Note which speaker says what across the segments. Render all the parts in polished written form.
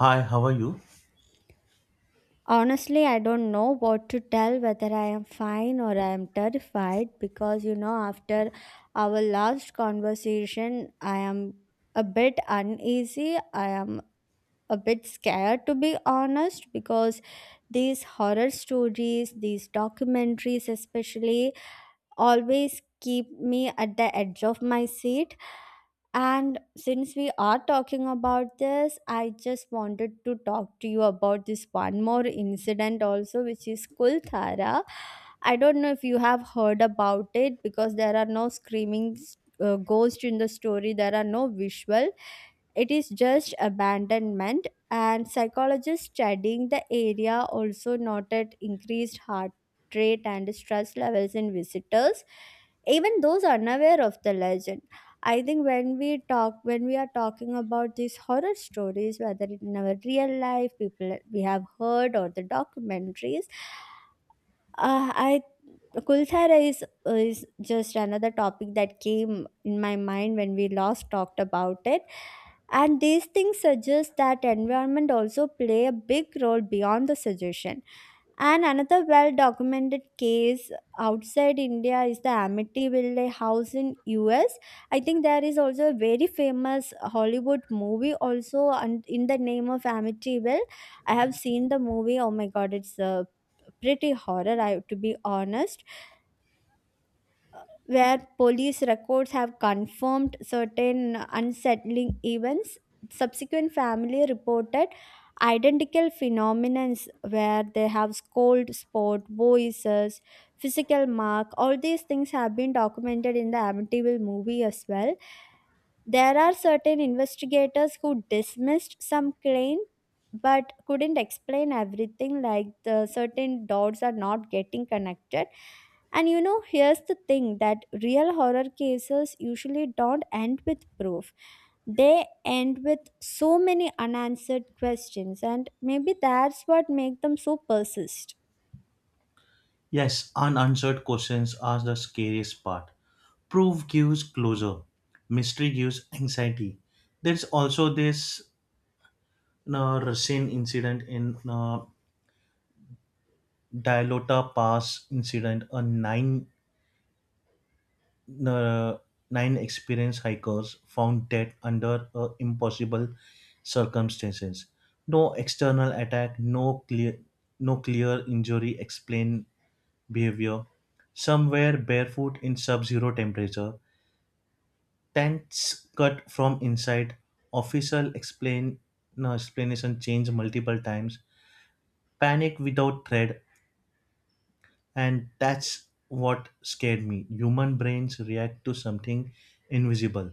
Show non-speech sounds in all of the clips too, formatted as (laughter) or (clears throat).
Speaker 1: Hi, how are you?
Speaker 2: Honestly, I don't know what to tell whether I am fine or I am terrified because after our last conversation, I am a bit uneasy. I am a bit scared, to be honest, because these horror stories, these documentaries, especially, always keep me at the edge of my seat. And since we are talking about this, I just wanted to talk to you about this one more incident also, which is Kulthara. I don't know if you have heard about it because there are no screaming ghosts in the story, there are no visual. It is just abandonment, and psychologists studying the area also noted increased heart rate and stress levels in visitors, even those unaware of the legend. I think when we talk, when we are talking about these horror stories, whether in our real life, people we have heard, or the documentaries, I Kulthara is just another topic that came in my mind when we last talked about it. And these things suggest that environment also play a big role beyond the suggestion. And another well documented case outside India is the Amityville house in US. I think there is also a very famous Hollywood movie also and in the name of Amityville. I have seen the movie. Oh my god, it's a pretty horror I to be honest, where police records have confirmed certain unsettling events. Subsequent family reported identical phenomena where they have scold spot, voices, physical mark. All these things have been documented in the Amityville movie as well. There are certain investigators who dismissed some claim but couldn't explain everything, like the certain dots are not getting connected. And here's the thing that real horror cases usually don't end with proof. They end with so many unanswered questions, and maybe that's what makes them so persist.
Speaker 1: Yes, unanswered questions are the scariest part. Proof gives closure, mystery gives anxiety. There's also this Russian incident in Dilota Pass incident. A uh, nine experienced hikers found dead under impossible circumstances. No external attack, no clear injury explained behavior. Some wear barefoot in sub-zero temperature. Tents cut from inside. Official explain No, explanation changed multiple times. Panic without thread, and that's what scared me. Human brains react to something invisible.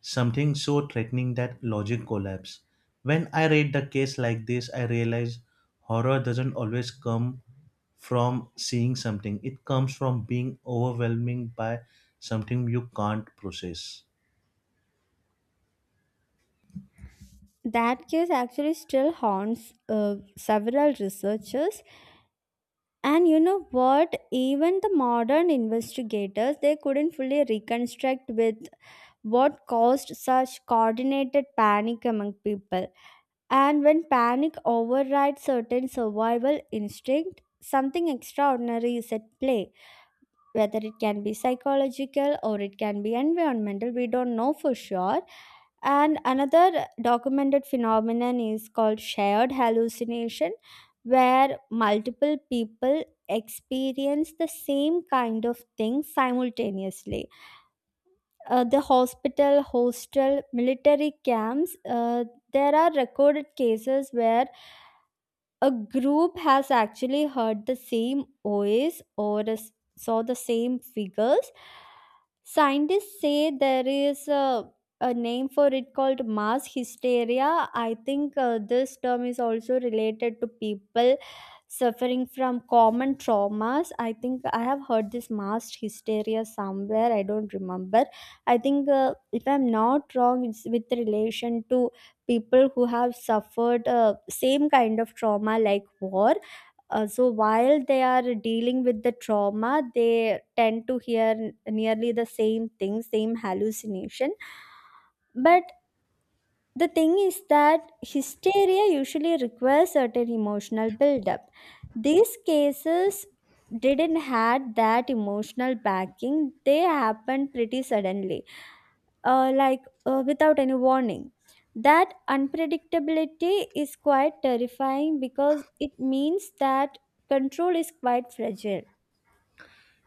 Speaker 1: Something so threatening that logic collapsed. When I read the case like this, I realize horror doesn't always come from seeing something, it comes from being overwhelmed by something you can't process.
Speaker 2: That case actually still haunts several researchers. And you know what? Even the modern investigators, they couldn't fully reconstruct with what caused such coordinated panic among people. And when panic overrides certain survival instinct, something extraordinary is at play, whether it can be psychological or it can be environmental. We don't know for sure. And another documented phenomenon is called shared hallucination, where multiple people experience the same kind of thing simultaneously. The hospital, hostel, military camps, there are recorded cases where a group has actually heard the same voice or saw the same figures. Scientists say there is a name for it called mass hysteria. I think this term is also related to people suffering from common traumas. I think I have heard this mass hysteria somewhere. I don't remember. I think, if I'm not wrong, it's with relation to people who have suffered same kind of trauma like war. So while they are dealing with the trauma, they tend to hear nearly the same thing, same hallucination. But the thing is that hysteria usually requires certain emotional buildup. These cases didn't had that emotional backing. They happened pretty suddenly, like without any warning. That unpredictability is quite terrifying because it means that control is quite fragile.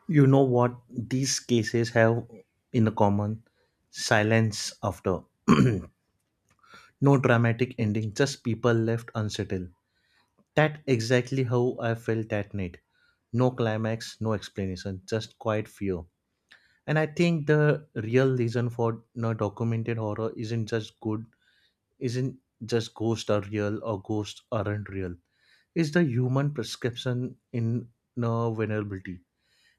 Speaker 1: You know what these cases have in common? Silence after. (clears throat) No dramatic ending, just people left unsettled. That exactly how I felt that night. No climax, no explanation, just quiet fear. And I think the real reason for no documented horror isn't just ghosts are real or ghosts aren't real. It's the human prescription in no vulnerability,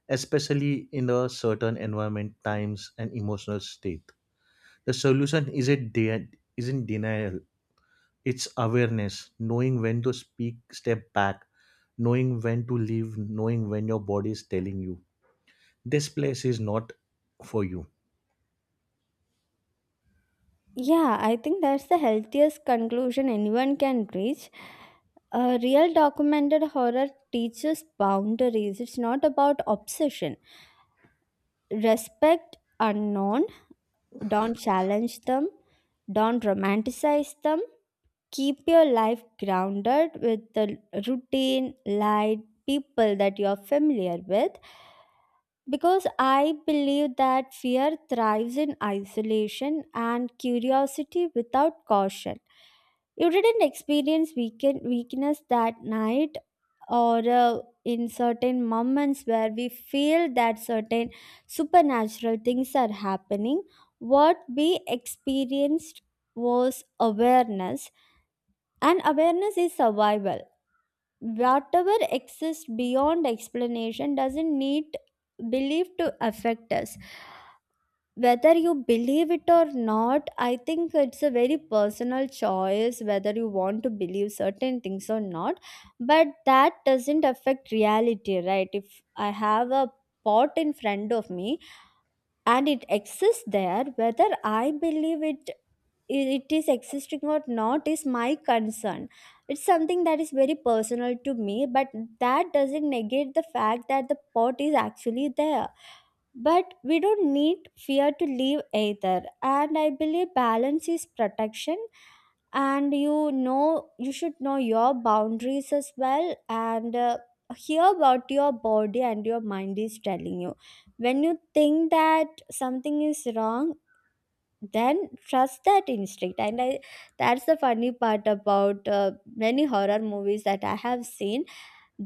Speaker 1: especially in a certain environment, times, and emotional state. The solution isn't de- Isn't denial. It's awareness, knowing when to speak, step back, knowing when to leave, knowing when your body is telling you this place is not for you.
Speaker 2: Yeah, I think that's the healthiest conclusion anyone can reach. A real documented horror teaches boundaries. It's not about obsession. Respect unknown, don't challenge them, don't romanticize them, keep your life grounded with the routine, light, people that you are familiar with, because I believe that fear thrives in isolation and curiosity without caution. You didn't experience weakness that night or in certain moments where we feel that certain supernatural things are happening. What we experienced was awareness, and awareness is survival. Whatever exists beyond explanation doesn't need belief to affect us. Whether you believe it or not, I think it's a very personal choice whether you want to believe certain things or not. But that doesn't affect reality, right? If I have a pot in front of me and it exists there, whether I believe it is existing or not is my concern. It's something that is very personal to me. But that doesn't negate the fact that the pot is actually there. But we don't need fear to live either, and I believe balance is protection. And you know, you should know your boundaries as well, and hear what your body and your mind is telling you. When you think that something is wrong, then trust that instinct. And I, that's the funny part about many horror movies that I have seen,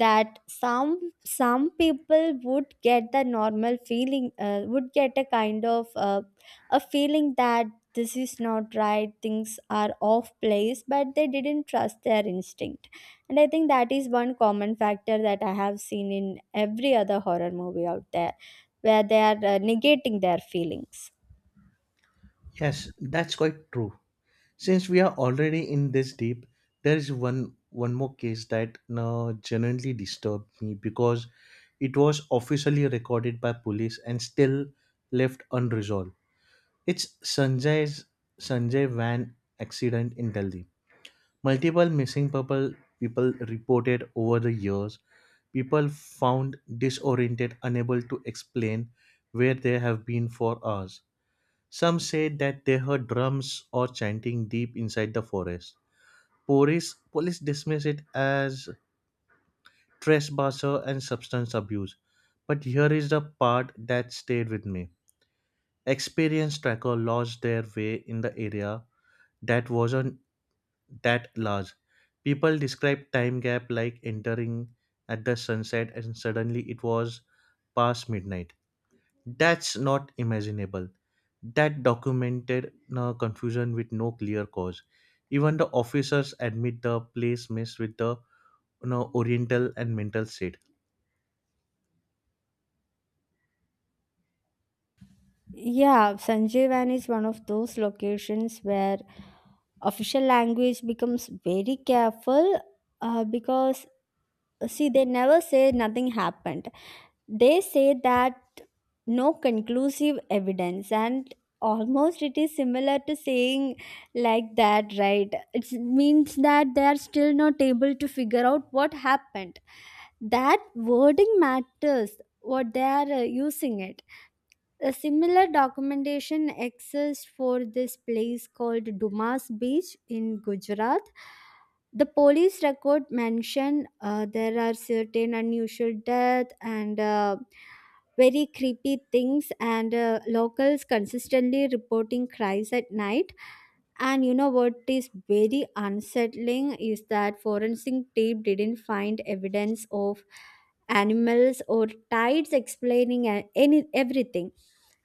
Speaker 2: that some people would get the normal feeling, would get a kind of a feeling that this is not right, things are off place, but they didn't trust their instinct. And I think that is one common factor that I have seen in every other horror movie out there, where they are negating their feelings.
Speaker 1: Yes, that's quite true. Since we are already in this deep, there is one more case that genuinely disturbed me because it was officially recorded by police and still left unresolved. It's Sanjay van accident in Delhi. Multiple missing people reported over the years. People found disoriented, unable to explain where they have been for hours. Some said that they heard drums or chanting deep inside the forest. Police dismiss it as trespasser and substance abuse. But here is the part that stayed with me. Experienced tracker lost their way in the area that wasn't that large. People described time gap like entering at the sunset and suddenly it was past midnight. That's not imaginable. That documented confusion with no clear cause. Even the officers admit the place messed with the you know, oriental and mental state.
Speaker 2: Yeah, Sanjeevan is one of those locations where official language becomes very careful, because see, they never say nothing happened. They say that no conclusive evidence, and almost it is similar to saying like that, right? It means that they are still not able to figure out what happened. That wording matters, what they are using it. A similar documentation exists for this place called Dumas Beach in Gujarat. The police record mentioned there are certain unusual death, and very creepy things, and locals consistently reporting cries at night. And you know what is very unsettling is that forensic tape didn't find evidence of animals or tides explaining any everything.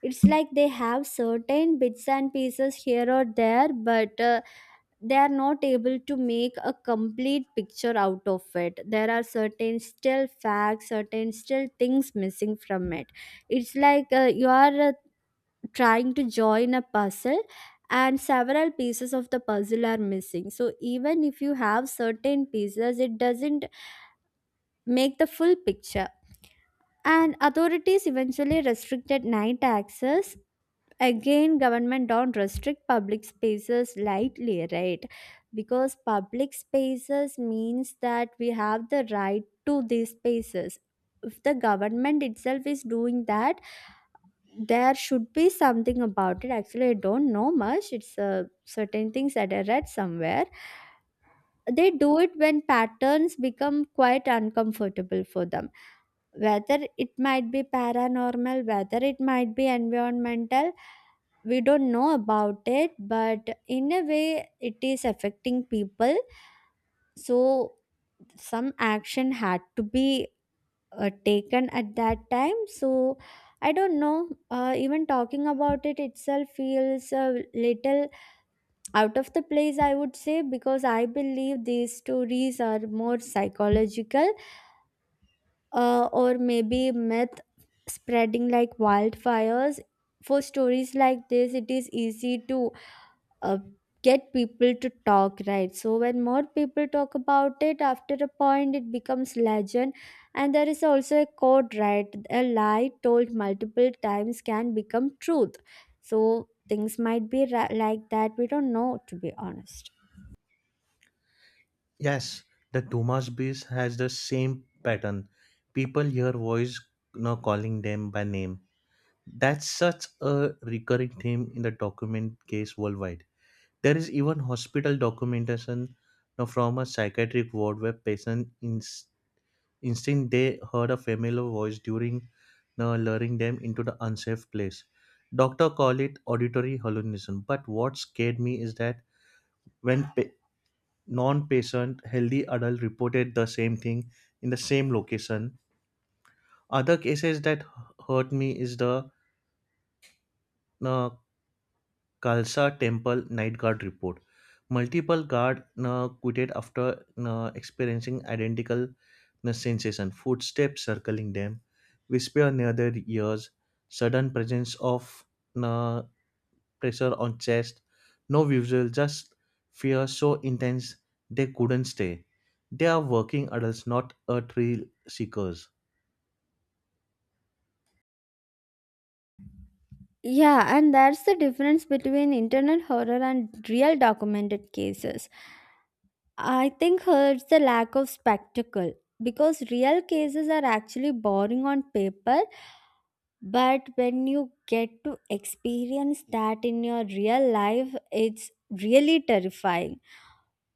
Speaker 2: It's like they have certain bits and pieces here or there, but they are not able to make a complete picture out of it. There are certain still facts, certain still things missing from it. It's like you are trying to join a puzzle, and several pieces of the puzzle are missing. So even if you have certain pieces, it doesn't make the full picture. And authorities eventually restricted night access. Again, government don't restrict public spaces lightly, right? Because public spaces means that we have the right to these spaces. If the government itself is doing that, there should be something about it. Actually, I don't know much. It's certain things that I read somewhere. They do it when patterns become quite uncomfortable for them, whether it might be paranormal, whether it might be environmental. We don't know about it, but in a way, it is affecting people. So some action had to be taken at that time. So I don't know, even talking about it itself feels a little out of the place, I would say, because I believe these stories are more psychological, or maybe myth spreading like wildfires. For stories like this, it is easy to uh, get people to talk, right? So when more people talk about it, after a point it becomes legend. And there is also a quote, right? A lie told multiple times can become truth. So things might be like that, we don't know, to be honest.
Speaker 1: Yes, the Dumas beast has the same pattern. People hear voice you know, calling them by name. That's such a recurring theme in the document case worldwide. There is even hospital documentation you know, from a psychiatric ward where instinct they heard a familiar voice during you know, luring them into the unsafe place. Doctor call it auditory hallucination, but what scared me is that when pa- non-patient healthy adult reported the same thing in the same location. Other cases that hurt me is the uh, Khalsa Temple night guard report. Multiple guard quitted after experiencing identical sensation, footsteps circling them, whisper near their ears, sudden presence of uh, pressure on chest, no visual, just fear so intense they couldn't stay. They are working adults, not a thrill seekers.
Speaker 2: Yeah, and that's the difference between internet horror and real documented cases. I think hurts the lack of spectacle, because real cases are actually boring on paper. But when you get to experience that in your real life, it's really terrifying.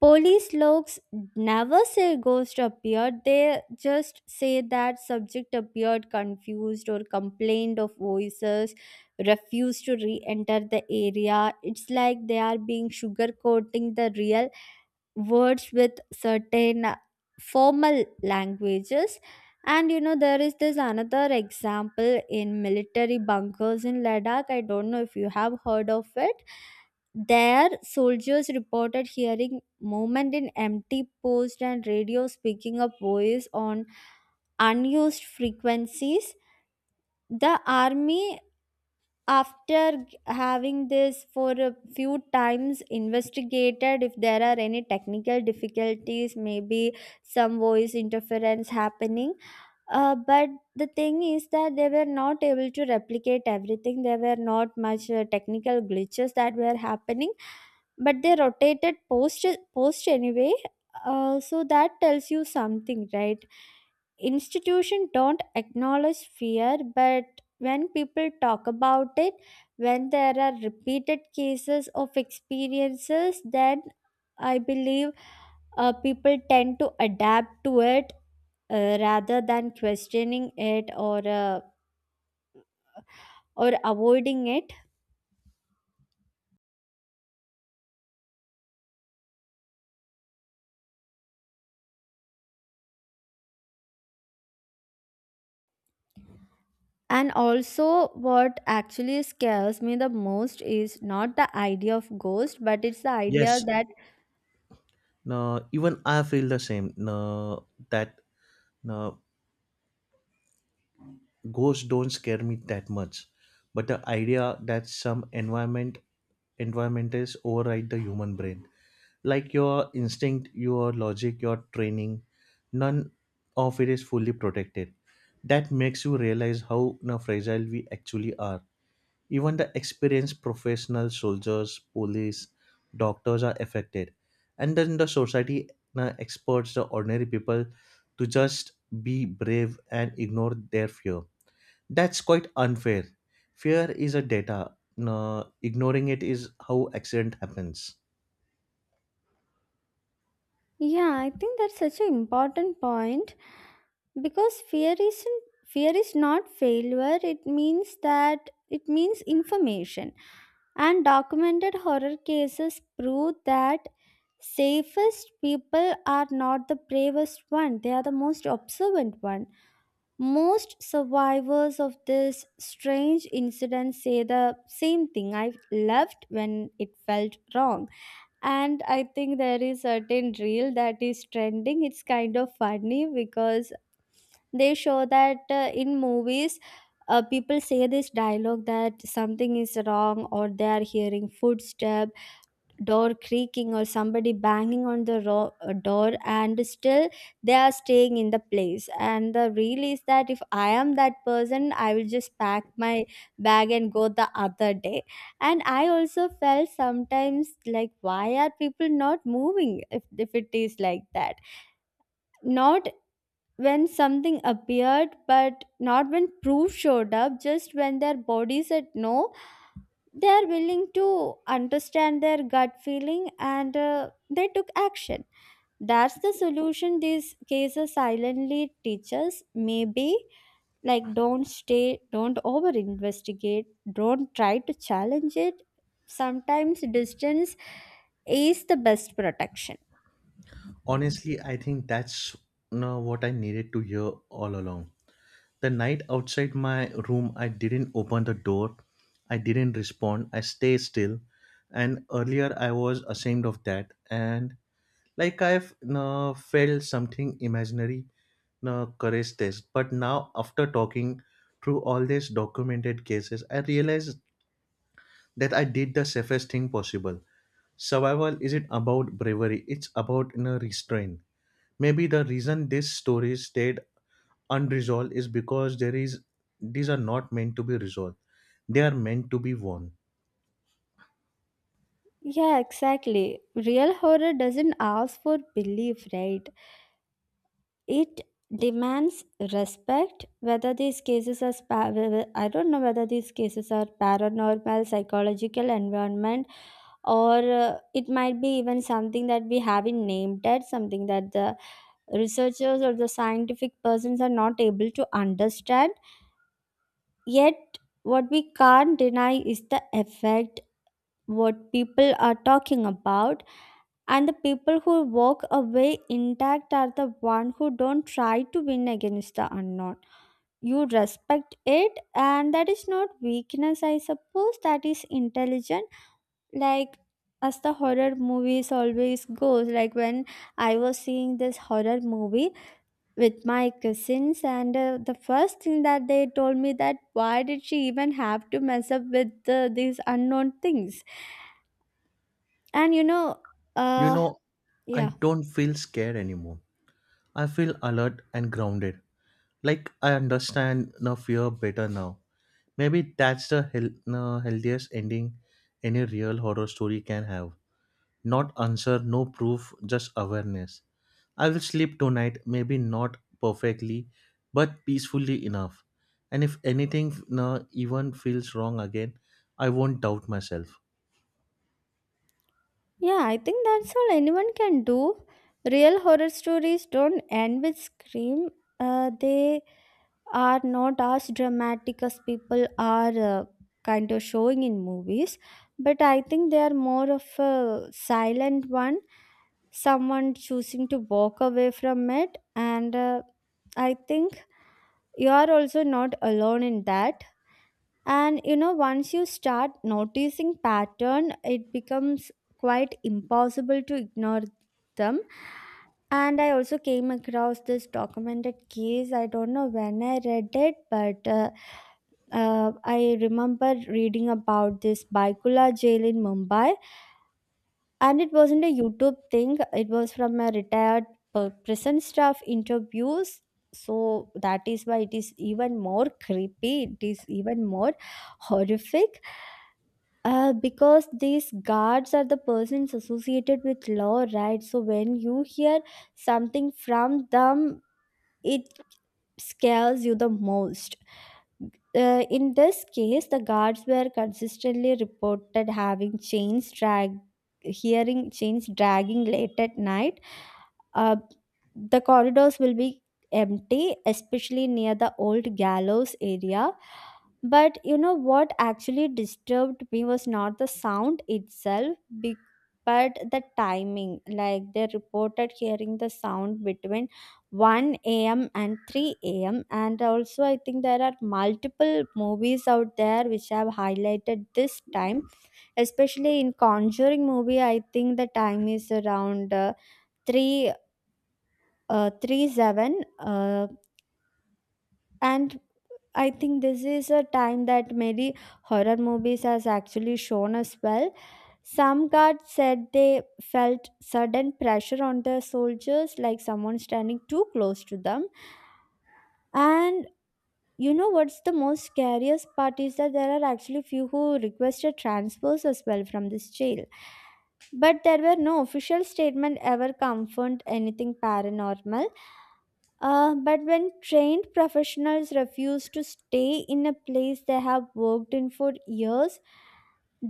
Speaker 2: Police logs never say ghost appeared, they just say that subject appeared confused or complained of voices, refused to re enter the area. It's like they are being sugarcoating the real words with certain formal languages. And you know, there is this another example in military bunkers in Ladakh. I don't know if you have heard of it. There soldiers reported hearing movement in empty post and radio speaking of voice on unused frequencies. The army, after having this for a few times, investigated if there are any technical difficulties, maybe some voice interference happening. But the thing is that they were not able to replicate everything. There were not much technical glitches that were happening, but they rotated post anyway. So that tells you something, right? Institution don't acknowledge fear, but when people talk about it, when there are repeated cases of experiences, then I believe people tend to adapt to it, rather than questioning it, or avoiding it. And also what actually scares me the most is not the idea of ghost, but it's the idea
Speaker 1: Yes.
Speaker 2: that
Speaker 1: No, even I feel the same. No, that no, ghosts don't scare me that much, but the idea that some environments override the human brain, like your instinct, your logic, your training, none of it is fully protected, that makes you realize how na, fragile we actually are. Even the experienced professional soldiers, police, doctors are affected. And then the society na, experts, the ordinary people, to just be brave and ignore their fear. That's quite unfair. Fear is a data. Na, ignoring it is how accident happens.
Speaker 2: Yeah, I think that's such an important point, because fear isn't, fear is not failure. It means that, it means information. And documented horror cases prove that safest people are not the bravest one. They are the most observant one. Most survivors of this strange incident say the same thing. I left when it felt wrong. And I think there is certain reel that is trending. It's kind of funny because they show that in movies people say this dialogue that something is wrong, or they are hearing footsteps, door creaking, or somebody banging on the door, and still they are staying in the place. And the real is that if I am that person, I will just pack my bag and go the other day. And I also felt sometimes, like, why are people not moving? If it is like that, not when something appeared, but not when proof showed up, just when their body said no, they are willing to understand their gut feeling, and they took action. That's the solution these cases silently teach us, maybe. Like, don't stay, don't over investigate, don't try to challenge it. Sometimes distance is the best protection.
Speaker 1: Honestly, I think that's na, what I needed to hear all along. The night outside my room, I didn't open the door. I didn't respond. I stay still. And earlier, I was ashamed of that. And like I've felt something imaginary, courage test. But now, after talking through all these documented cases, I realized that I did the safest thing possible. Survival isn't about bravery, it's about you know, restraint. Maybe the reason this story stayed unresolved is because there is these are not meant to be resolved. They are meant to be won.
Speaker 2: Yeah, exactly. Real horror doesn't ask for belief, right? It demands respect. Whether these cases are I don't know whether these cases are paranormal, psychological, environment, or it might be even something that we haven't named yet, something that the researchers or the scientific persons are not able to understand yet. What we can't deny is the effect, what people are talking about. And the people who walk away intact are the one who don't try to win against the unknown. You respect it, and that is not weakness, I suppose. That is intelligent. Like, as the horror movies always goes, like, when I was seeing this horror movie with my cousins, and the first thing that they told me, that why did she even have to mess up with these unknown things. And
Speaker 1: You
Speaker 2: uh
Speaker 1: know, I
Speaker 2: yeah.
Speaker 1: don't feel scared anymore. I feel alert and grounded. Like I understand the fear better now. Maybe that's the healthiest ending any real horror story can have. Not answer, no proof, just awareness. I will sleep tonight, maybe not perfectly, but peacefully enough. And if anything no, even feels wrong again, I won't doubt myself.
Speaker 2: Yeah, I think that's all anyone can do. Real horror stories don't end with scream. They are not as dramatic as people are kind of showing in movies, but I think they are more of a silent one. Someone choosing to walk away from it, and I think you are also not alone in that. And you know, once you start noticing pattern, it becomes quite impossible to ignore them. And I also came across this documented case. I don't know when I read it, but I remember reading about this baikula jail in mumbai. And it wasn't a youtube thing, it was from a retired prison staff interviews. So that is why it is even more creepy, it is even more horrific, because these guards are the persons associated with law, right? So when you hear something from them, it scares you the most. In this case, the guards were consistently reported hearing chains dragging late at night. Uh, the corridors will be empty, especially near the old gallows area. But you know what actually disturbed me was not the sound itself, but the timing. Like, they reported hearing the sound between 1 a.m. and 3 a.m. And also, I think there are multiple movies out there which have highlighted this time. Especially in Conjuring movie, I think the time is around uh, 3 uh, 3 7 and I think this is a time that many horror movies has actually shown as well. Some guards said they felt sudden pressure on the soldiers, like someone standing too close to them. And you know what's the most scariest part is that there are actually few who requested transfers as well from this jail. But there were no official statement ever confirmed anything paranormal. But when trained professionals refuse to stay in a place they have worked in for years,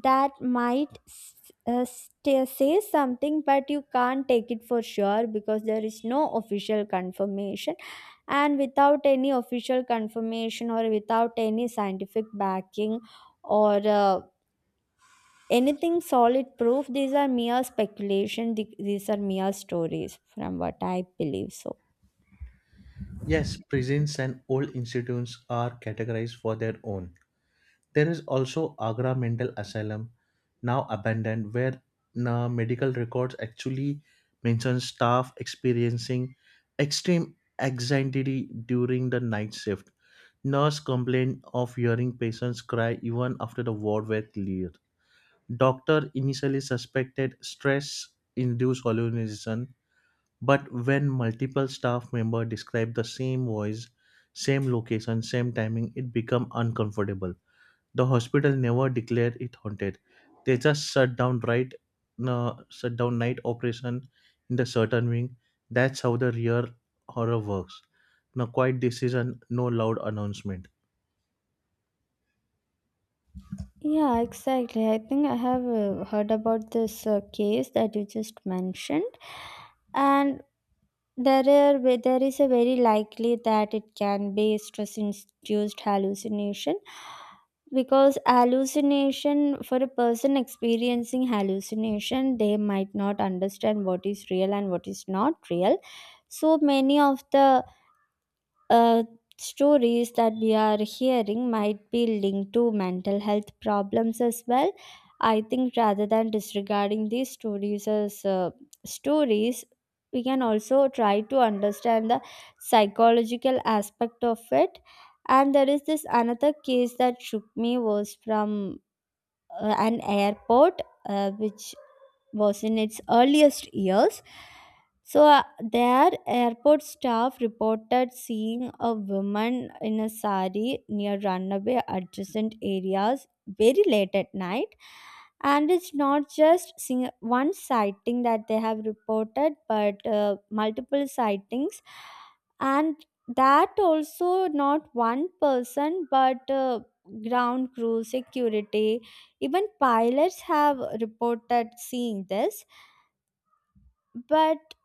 Speaker 2: that might s- sta say something. But you can't take it for sure because there is no official confirmation. And without any official confirmation, or without any scientific backing, or anything solid proof, these are mere speculation, these are mere stories, from what I believe so.
Speaker 1: Yes, prisons and old institutes are categorized for their own. There is also Agra Mental Asylum, now abandoned, where na medical records actually mention staff experiencing extreme anxiety during the night shift. Nurse complained of hearing patients cry even after the ward were cleared. Doctor initially suspected stress-induced hallucination, but when multiple staff members described the same voice, same location, same timing, it became uncomfortable. The hospital never declared it haunted. They just shut down night operation in the certain wing. That's how the real horror works. No quiet decision, no loud announcement.
Speaker 2: Yeah, exactly. I think I have heard about this case that you just mentioned, and there is a very likely that it can be stress induced hallucination. Because hallucination, for a person experiencing hallucination, they might not understand what is real and what is not real. So many of the uh, stories that we are hearing might be linked to mental health problems as well. I think rather than disregarding these stories as stories, we can also try to understand the psychological aspect of it. And there is this another case that shook me, was from an airport which was in its earliest years. So, their airport staff reported seeing a woman in a sari near runaway adjacent areas very late at night. And it's not just one sighting that they have reported, but multiple sightings. And that also not one person, but ground crew, security, even pilots have reported seeing this. But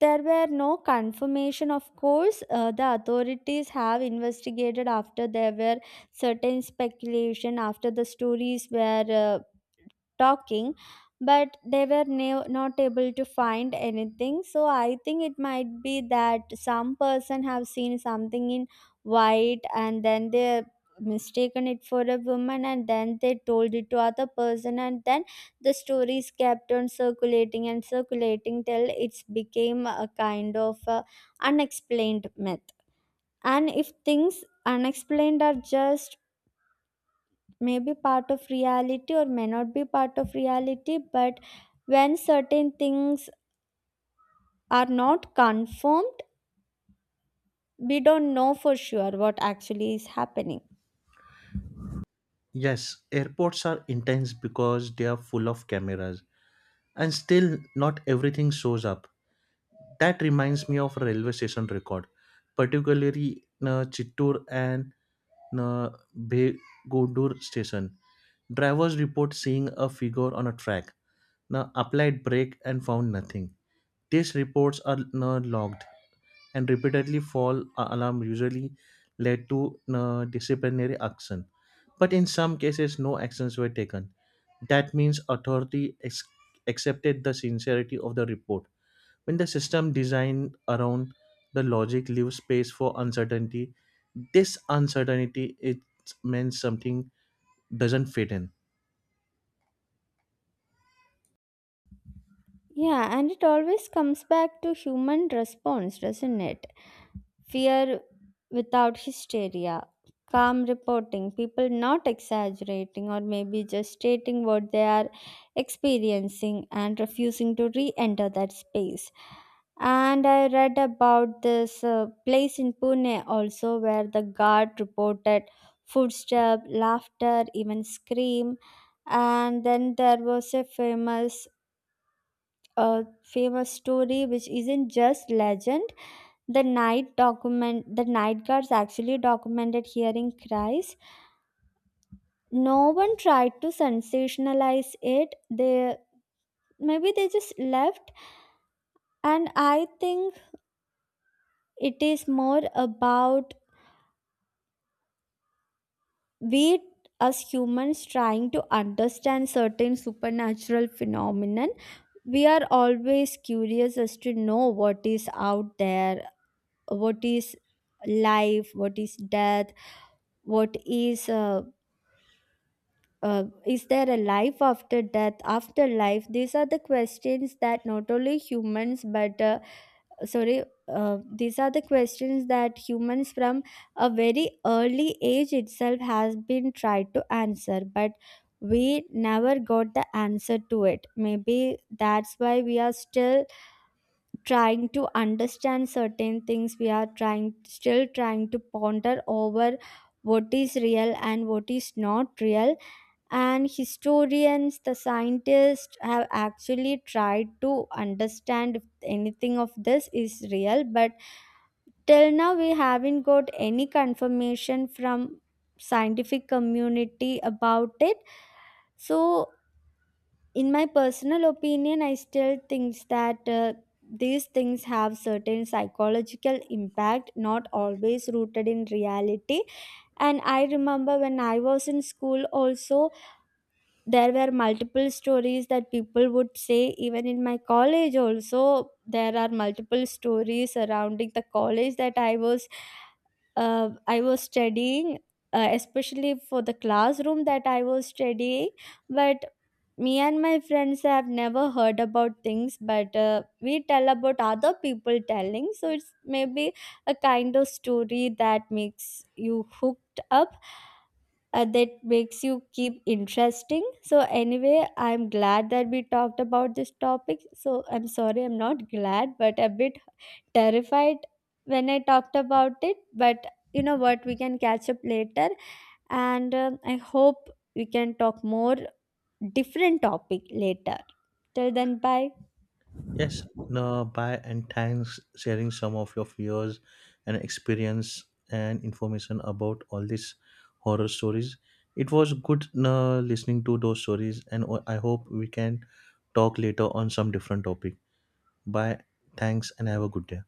Speaker 2: there were no confirmation. Of course, the authorities have investigated after there were certain speculation, after the stories were talking, but they were not able to find anything. So I think it might be that some person have seen something in white and then they mistaken it for a woman, and then they told it to other person, and then the stories kept on circulating and circulating till it's became a kind of a unexplained myth. And if things unexplained are just may be part of reality or may not be part of reality, but when certain things are not confirmed, we don't know for sure what actually is happening.
Speaker 1: Yes, airports are intense because they are full of cameras, and still not everything shows up. That reminds me of a railway station record, particularly Chittoor and uh, Begudur station. Drivers report seeing a figure on a track, applied brake and found nothing. These reports are logged, and repeatedly alarm usually led to disciplinary action. But in some cases, no actions were taken. That means accepted the sincerity of the report. When the system designed around the logic leaves space for uncertainty, this uncertainty it means something doesn't fit in.
Speaker 2: Yeah, and it always comes back to human response, doesn't it? Fear without hysteria, calm reporting, people not exaggerating, or maybe just stating what they are experiencing and refusing to re enter that space. And I read about this place in Pune also, where the guard reported footstep, laughter, even scream. And then there was a famous, famous story which isn't just legend. The night document the night guards actually documented hearing cries. No one tried to sensationalize it. They, maybe they just left. And I think it is more about we as humans trying to understand certain supernatural phenomenon. We are always curious as to know what is out there. What is life, what is death, what is there a life after death, after life? These are the questions that not only humans but sorry these are the questions that humans from a very early age itself has been tried to answer, but we never got the answer to it. Maybe that's why we are still trying to understand certain things. We are trying still trying to ponder over what is real and what is not real. And historians, the scientists have actually tried to understand if anything of this is real, but till now we haven't got any confirmation from scientific community about it. So, in my personal opinion, I still think that these things have certain psychological impact, not always rooted in reality. And I remember when I was in school also, there were multiple stories that people would say. Even in my college also, there are multiple stories surrounding the college that I was studying, especially for the classroom that I was studying. But me and my friends have never heard about things, but we tell about other people telling. So it's maybe a kind of story that makes you hooked up, that makes you keep interesting. So anyway, I'm glad that we talked about this topic. So I'm sorry, I'm not glad, but a bit terrified when I talked about it. But you know what, we can catch up later. And I hope we can talk more different topic later. Till then, bye.
Speaker 1: Yes, no, bye and thanks sharing some of your fears and experience and information about all these horror stories. It was good no, listening to those stories, and I hope we can talk later on some different topic. Bye. Thanks and have a good day.